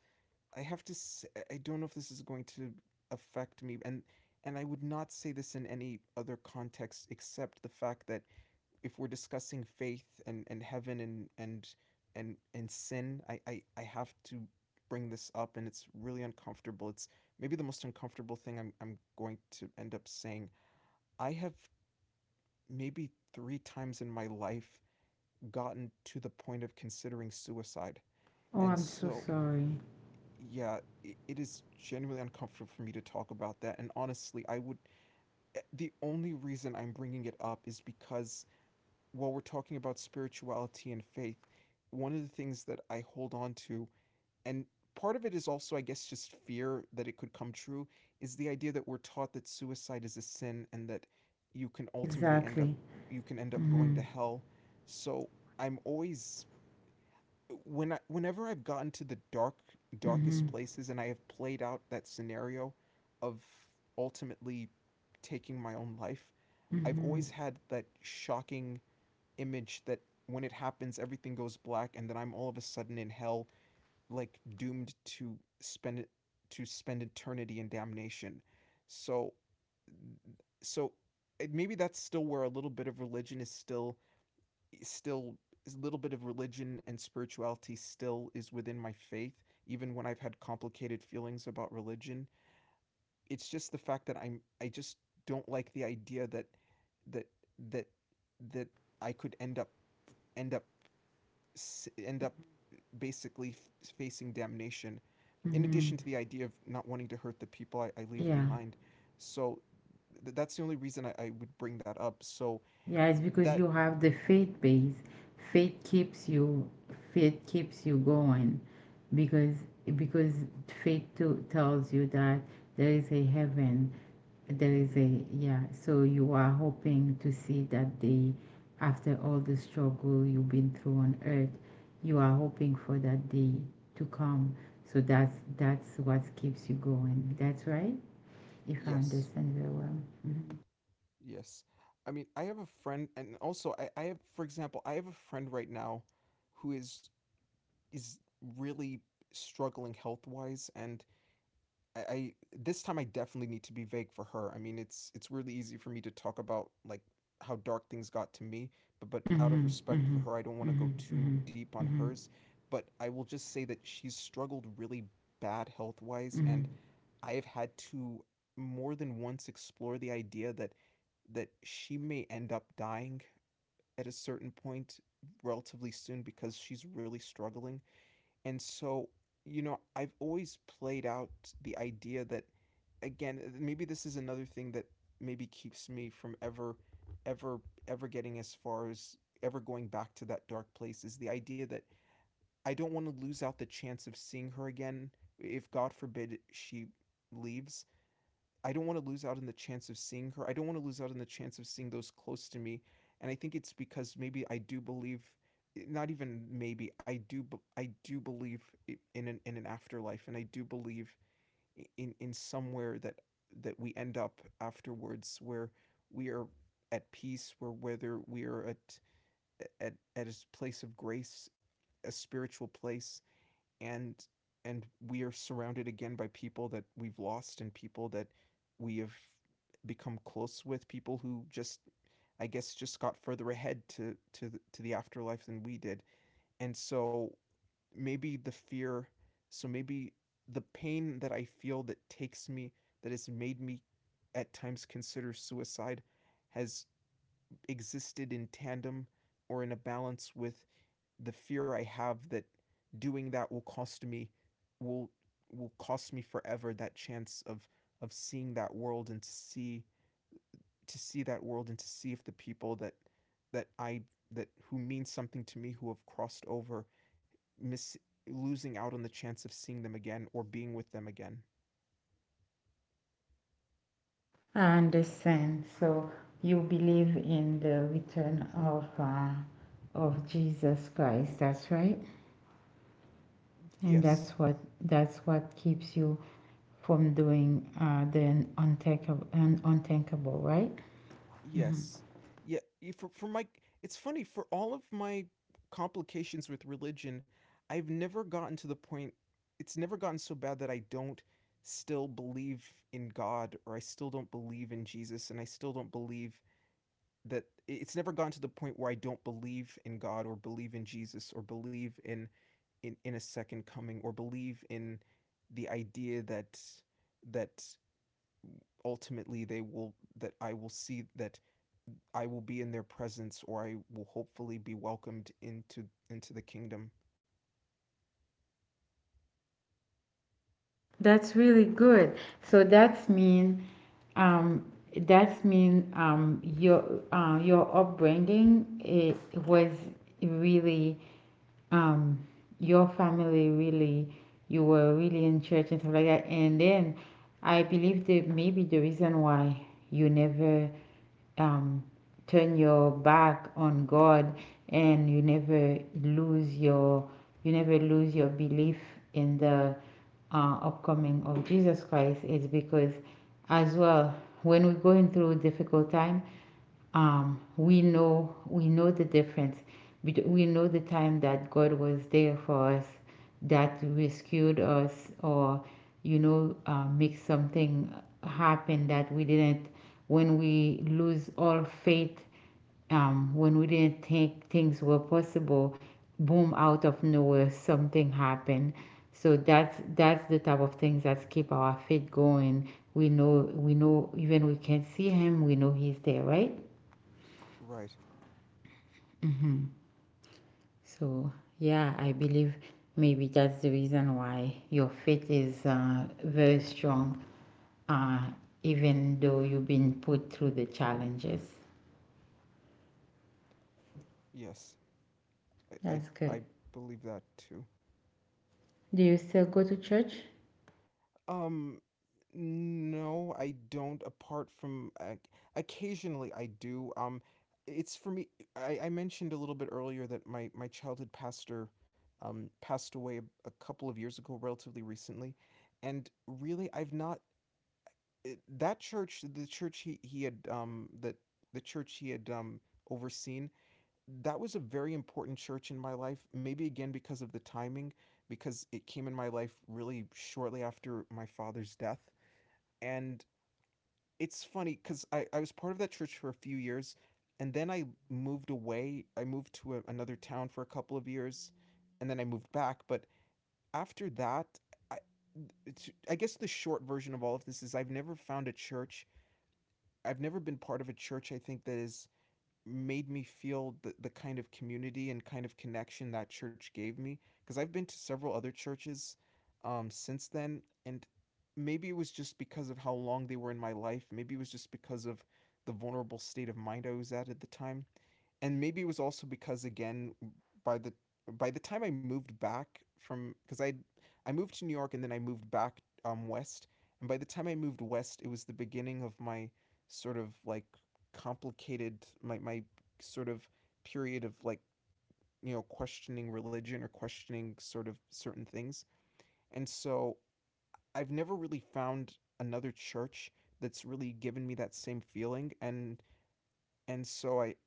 I have to say, I don't know if this is going to affect me. And I would not say this in any other context, except the fact that if we're discussing faith and heaven and sin, I have to bring this up, and it's really uncomfortable. It's maybe the most uncomfortable thing I'm going to end up saying. I have maybe three times in my life gotten to the point of considering suicide.
Oh,
And
I'm so
so,
sorry.
yeah, it is genuinely uncomfortable for me to talk about that. And honestly, the only reason I'm bringing it up is because while we're talking about spirituality and faith, one of the things that I hold on to, and part of it is also, I guess, just fear that it could come true, is the idea that we're taught that suicide is a sin, and that you can ultimately end up
Exactly.
going
Mm-hmm.
to hell. So I'm always when whenever I've gotten to the darkest
Mm-hmm.
places and I have played out that scenario of ultimately taking my own life, I've
Mm-hmm.
always had that shocking image that when it happens everything goes black and then I'm all of a sudden in hell, like doomed to spend eternity in damnation. So. So maybe that's still where a little bit of religion is still still a little bit of religion and spirituality still is within my faith, even when I've had complicated feelings about religion. It's just the fact that I just don't like the idea that that that I could end up end up end up basically facing damnation. In
Mm-hmm.
addition to the idea of not wanting to hurt the people I leave
Yeah.
behind, so that's the only reason I would bring that up. So
Yeah, it's because
that,
you have the faith base. Faith keeps you, going, because because faith to, tells you that there is a heaven, there is
hmm,
a, yeah, so you are hoping to see that day after all the struggle you've been through on earth, you are hoping for that day to come. So that's what keeps you going. That's right? If I
yes,
understand very well. Mhm.
yes. I mean, I have a friend, and also I have, for example, I have a friend right now, who is is really struggling health wise, and I this time I definitely need to be vague for her. I mean, it's really easy for me to talk about like how dark things got to me, but out
Mhm,
of respect
mhm,
for her, I don't want to
mhm,
go too
mhm,
deep on
mhm,
hers. But I will just say that she's struggled really bad health wise,
mhm.
and I have had to more than once explore the idea that she may end up dying at a certain point relatively soon, because she's really struggling. And so, you know, I've always played out the idea that, again, maybe this is another thing that maybe keeps me from ever, ever, ever getting as far as ever going back to that dark place, is the idea that I don't want to lose out the chance of seeing her again, if, God forbid, she leaves. I don't want to lose out on the chance of seeing her. I don't want to lose out on the chance of seeing those close to me. And I think it's because maybe I do believe not even maybe, I do, I do believe in an afterlife. And I do believe in somewhere that we end up afterwards, where we are at peace, where whether we are at a place of grace, a spiritual place. And we are surrounded, again, by people that we've lost and people that we have become close with, people who just, I guess, just got further ahead to to the afterlife than we did. And so maybe the fear, so maybe the pain that I feel that takes me, that has made me at times consider suicide, has existed in tandem or in a balance with the fear I have that doing that will cost me, will will cost me forever that chance of seeing that world, and to see if the people that that I that who mean something to me, who have crossed over, miss, losing out on the chance of seeing them again, or being with them again.
I understand. So you believe in the return of Jesus Christ. That's right, and
Yes.
that's what keeps you from doing the unthinkable, unthinkable, right?
Yes. Yeah, for my, it's funny, for all of my complications with religion, I've never gotten to the point, it's never gotten so bad that I don't still believe in God, or I still don't believe in Jesus, and I still don't believe that it's never gotten to the point where I don't believe in God, or believe in Jesus, or believe in in a second coming, or believe in the idea that that ultimately they will, that I will see that I will be in their presence, or I will hopefully be welcomed into the kingdom.
That's really good. So that's mean um, that's mean um, your your upbringing, it was really um your family really, you were really in church and stuff like that, and then I believe that maybe the reason why you never um turn your back on God, and you never lose your, belief in the upcoming of Jesus Christ is because, as well, when we're going through difficult time, we know, we know the difference. We know the time that God was there for us, that rescued us, or you know, make something happen that we didn't. When we lose all faith, when we didn't think things were possible, boom! Out of nowhere, something happened. So that's the type of things that keep our faith going. We know, we know even we can't see him, we know he's there, right?
Right.
Mhm. So, yeah, I believe maybe that's the reason why your faith is very strong, uh, even though you've been put through the challenges.
Yes. I
That's good.
I believe that too.
Do you still go to church?
Um no, I don't, apart from occasionally I do. It's for me. I mentioned a little bit earlier that my childhood pastor passed away a couple of years ago, relatively recently, and really I've not that church, the church he had that the church he had overseen, that was a very important church in my life. Maybe again because of the timing, because it came in my life really shortly after my father's death. And it's funny because I was part of that church for a few years and then I moved away. I moved to a, another town for a couple of years and then I moved back. But after that, I, I guess the short version of all of this is I've never found a church, I've never been part of a church, I think, that has made me feel the kind of community and kind of connection that church gave me. Because I've been to several other churches since then, and maybe it was just because of how long they were in my life. Maybe it was just because of the vulnerable state of mind I was at the time. And maybe it was also because again, by the by the time I moved back from, because I moved to New York and then I moved back west, and by the time I moved west it was the beginning of my sort of like complicated my my sort of period of like, you know, questioning religion or questioning sort of certain things. And so I've never really found another church that's really given me that same feeling. And so I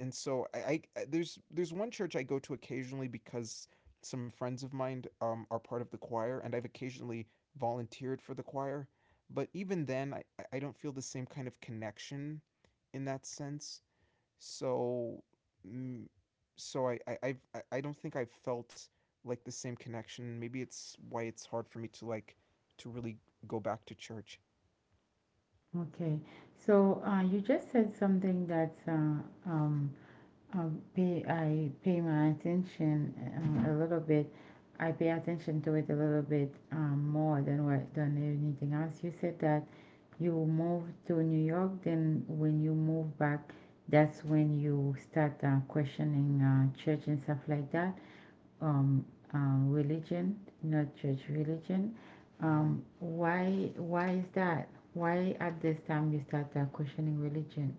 and so I there's one church I go to occasionally because some friends of mine, are part of the choir, and I've occasionally volunteered for the choir. But even then, I don't feel the same kind of connection in that sense. So, mm, so don't think I've felt like the same connection. Maybe it's why it's hard for me to like to really go back to church.
Okay. So, you just said something that um, uh, pay, I pay my attention a little bit. I pay attention to it a little bit more than what, than anything else. You said that you moved to New York, then when you moved back, that's when you start questioning church and stuff like that, um, religion, not church, religion.
hmm
Why is that? Why at this time you start questioning religion?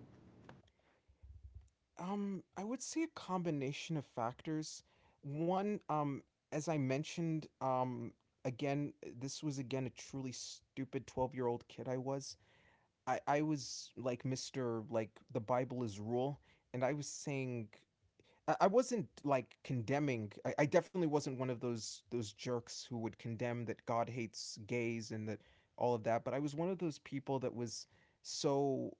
I would say a combination of factors. One, as I mentioned, again, this was again a truly stupid 12-year-old kid I was. I was like Mr., like the Bible is rule, and I was saying, I wasn't like condemning. I definitely wasn't one of those jerks who would condemn that God hates gays and that, all of that. But I was one of those people that was so.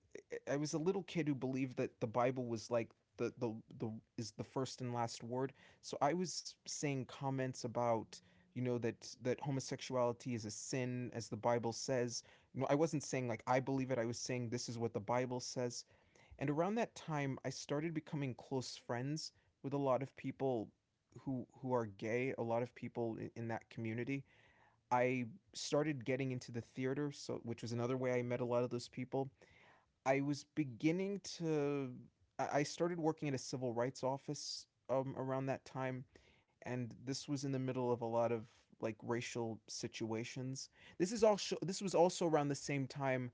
I was a little kid who believed that the Bible was like the the the is the first and last word. So I was saying comments about, you know, that homosexuality is a sin as the Bible says. No, I wasn't saying like I believe it. I was saying this is what the Bible says. And around that time, I started becoming close friends with a lot of people who are gay, a lot of people in that community. I started getting into the theater, so which was another way I met a lot of those people. I was beginning to. I started working at a civil rights office around that time, and this was in the middle of a lot of like racial situations. This was also around the same time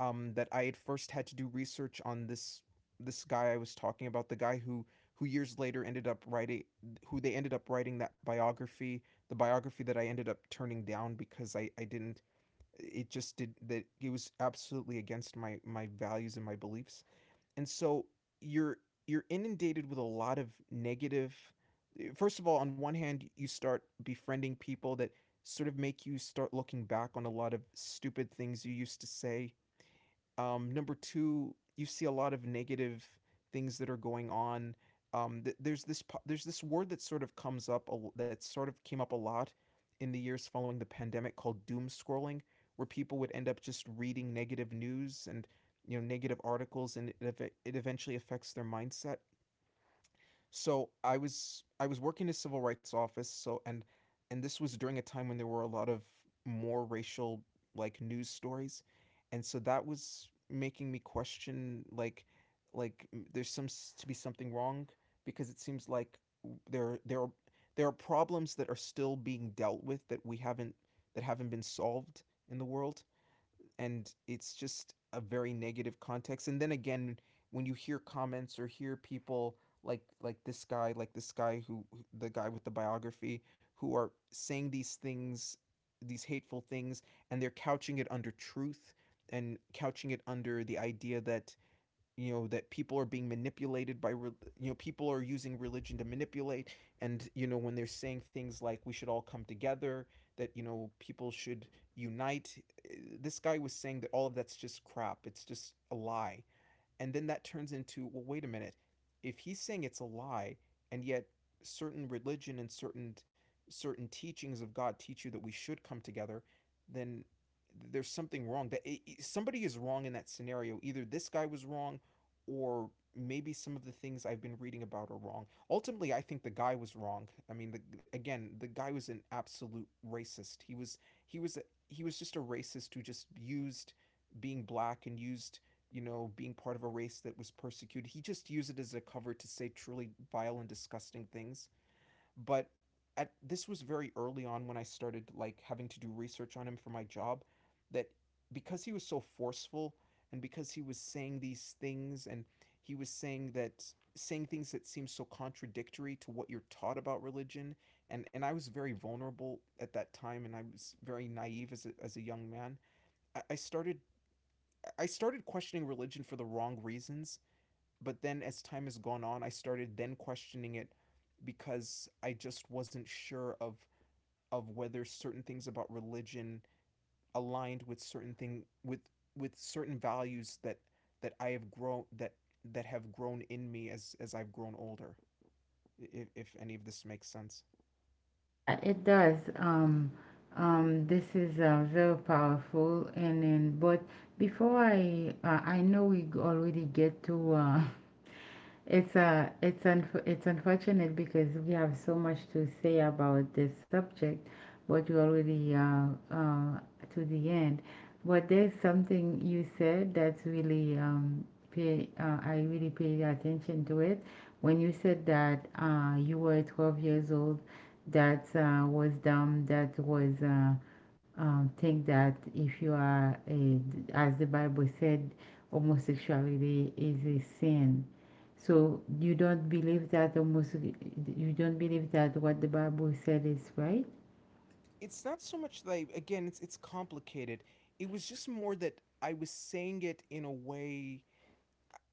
that I had first had to do research on this, this guy I was talking about, the guy who, years later ended up writing, who they ended up writing that biography, the biography that I ended up turning down because I didn't, it just did that it was absolutely against my values and my beliefs. And so you're you're inundated with a lot of negative. Negative, first of all, on one hand you start befriending people that sort of make you start looking back on a lot of stupid things you used to say. Number two, you see a lot of negative things that are going on. There's this, word that sort of comes up a that sort of came up a lot in the years following the pandemic, called doom scrolling, where people would end up just reading negative news and, you know, negative articles, and it eventually affects their mindset. So I was working in a civil rights office. So, and this was during a time when there were a lot of more racial like news stories, and so that was making me question, like there's some to be something wrong, because it seems like there are, there are problems that are still being dealt with that we haven't, that haven't been solved in the world. And it's just a very negative context. And then again, when you hear comments or hear people like, like this guy who, the guy with the biography, who are saying these things, these hateful things, and they're couching it under truth and couching it under the idea that, you know, that people are being manipulated by, you know, people are using religion to manipulate. And you know, when they're saying things like we should all come together, that, you know, people should unite, this guy was saying that all of that's just crap, it's just a lie. And then that turns into, well, wait a minute. If he's saying it's a lie, and yet certain religion and certain teachings of God teach you that we should come together, then there's something wrong. That it, somebody is wrong in that scenario. Either this guy was wrong, or maybe some of the things I've been reading about are wrong. Ultimately, I think the guy was wrong. I mean, the, again, the guy was an absolute racist. He was he was just a racist who just used being black and used, you know, being part of a race that was persecuted. He just used it as a cover to say truly vile and disgusting things. But at, this was very early on when I started like having to do research on him for my job, that because he was so forceful, and because he was saying these things, and he was saying that, saying things that seemed so contradictory to what you're taught about religion. And I was very vulnerable at that time, and I was very naive as a young man. I, I started I started questioning religion for the wrong reasons, but then as time has gone on, I started then questioning it because I just wasn't sure of whether certain things about religion aligned with certain thing with certain values that, that I have grown that that have grown in me as I've grown older. If any of this makes sense,
Yeah, it does. This is very powerful. And then, but before I know we already get to it's it's unfortunate because we have so much to say about this subject, but we're already to the end. But there's something you said that's really pay, I really paid attention to it when you said that you were 12 years old, that was dumb, that was think that if you are a, as the Bible said, homosexuality is a sin, so you don't believe that the Muslim, you don't believe that what the Bible said is right?
it's not so much that I, again, it's complicated. It was just more that I was saying it in a way,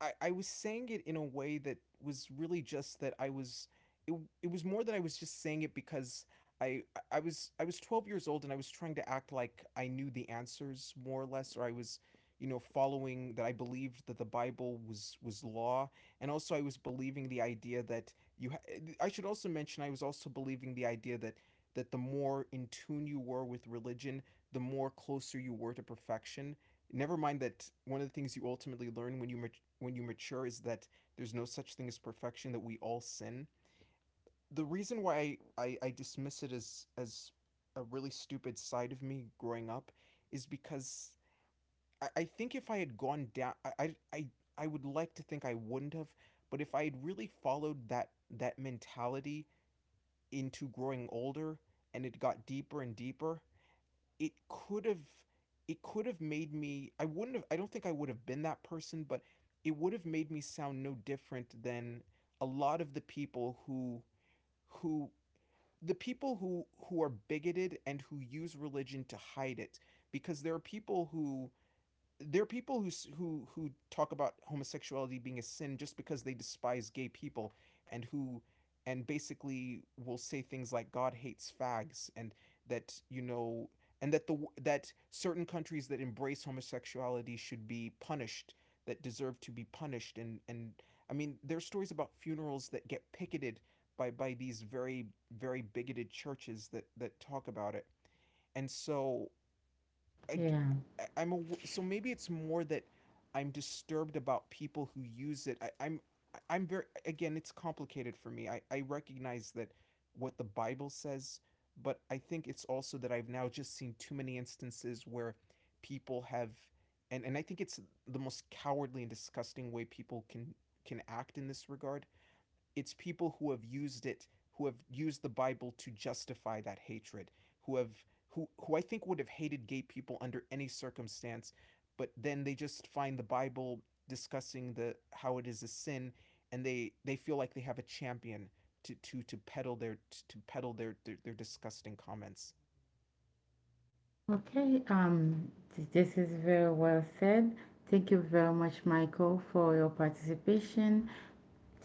I was saying it in a way that was really just that I was it, it was more that I was just saying it because I I was 12 years old and I was trying to act like I knew the answers more or less, or I was, you know, following that I believed that the Bible was law. And also I was believing the idea that you I should also mention I was also believing the idea that, that the more in tune you were with religion, the more closer you were to perfection. Never mind that one of the things you ultimately learn when you when you mature is that there's no such thing as perfection, that we all sin. The reason why dismiss it as a really stupid side of me growing up is because, I think if I had gone down, I I I would like to think I wouldn't have, but if I had really followed that, that mentality into growing older, and it got deeper and deeper, it could have, it could have made me, I wouldn't have, I don't think I would have been that person, but it would have made me sound no different than a lot of the people who, who the people who are bigoted and who use religion to hide it. Because there are people who, there are people who who talk about homosexuality being a sin just because they despise gay people, and who, and basically will say things like, God hates fags, and that, you know, and that the, that certain countries that embrace homosexuality should be punished, that deserve to be punished. And I mean, there are stories about funerals that get picketed by these very, very bigoted churches that that talk about it. And so
Yeah.
so maybe it's more that I'm disturbed about people who use it. I'm very, again, it's complicated for me. I recognize that what the Bible says, but I think it's also that I've now just seen too many instances where people have, and I think it's the most cowardly and disgusting way people can act in this regard. It's people who have used it, who have used the Bible to justify that hatred, who have, who I think would have hated gay people under any circumstance, but then they just find the Bible discussing the, how it is a sin, and they feel like they have a champion to peddle their, peddle their, their disgusting comments.
Okay. This is very well said. Thank you very much, Michael, for your participation.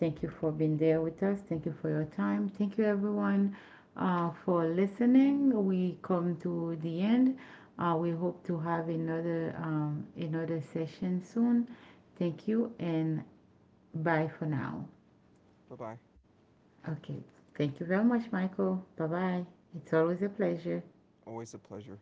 Thank you for being there with us. Thank you for your time. Thank you, everyone, for listening. We come to the end. We hope to have another another session soon. Thank you, and bye for now.
Bye bye.
Okay. Thank you very much, Michael. Bye bye. It's always a pleasure.
Always a pleasure.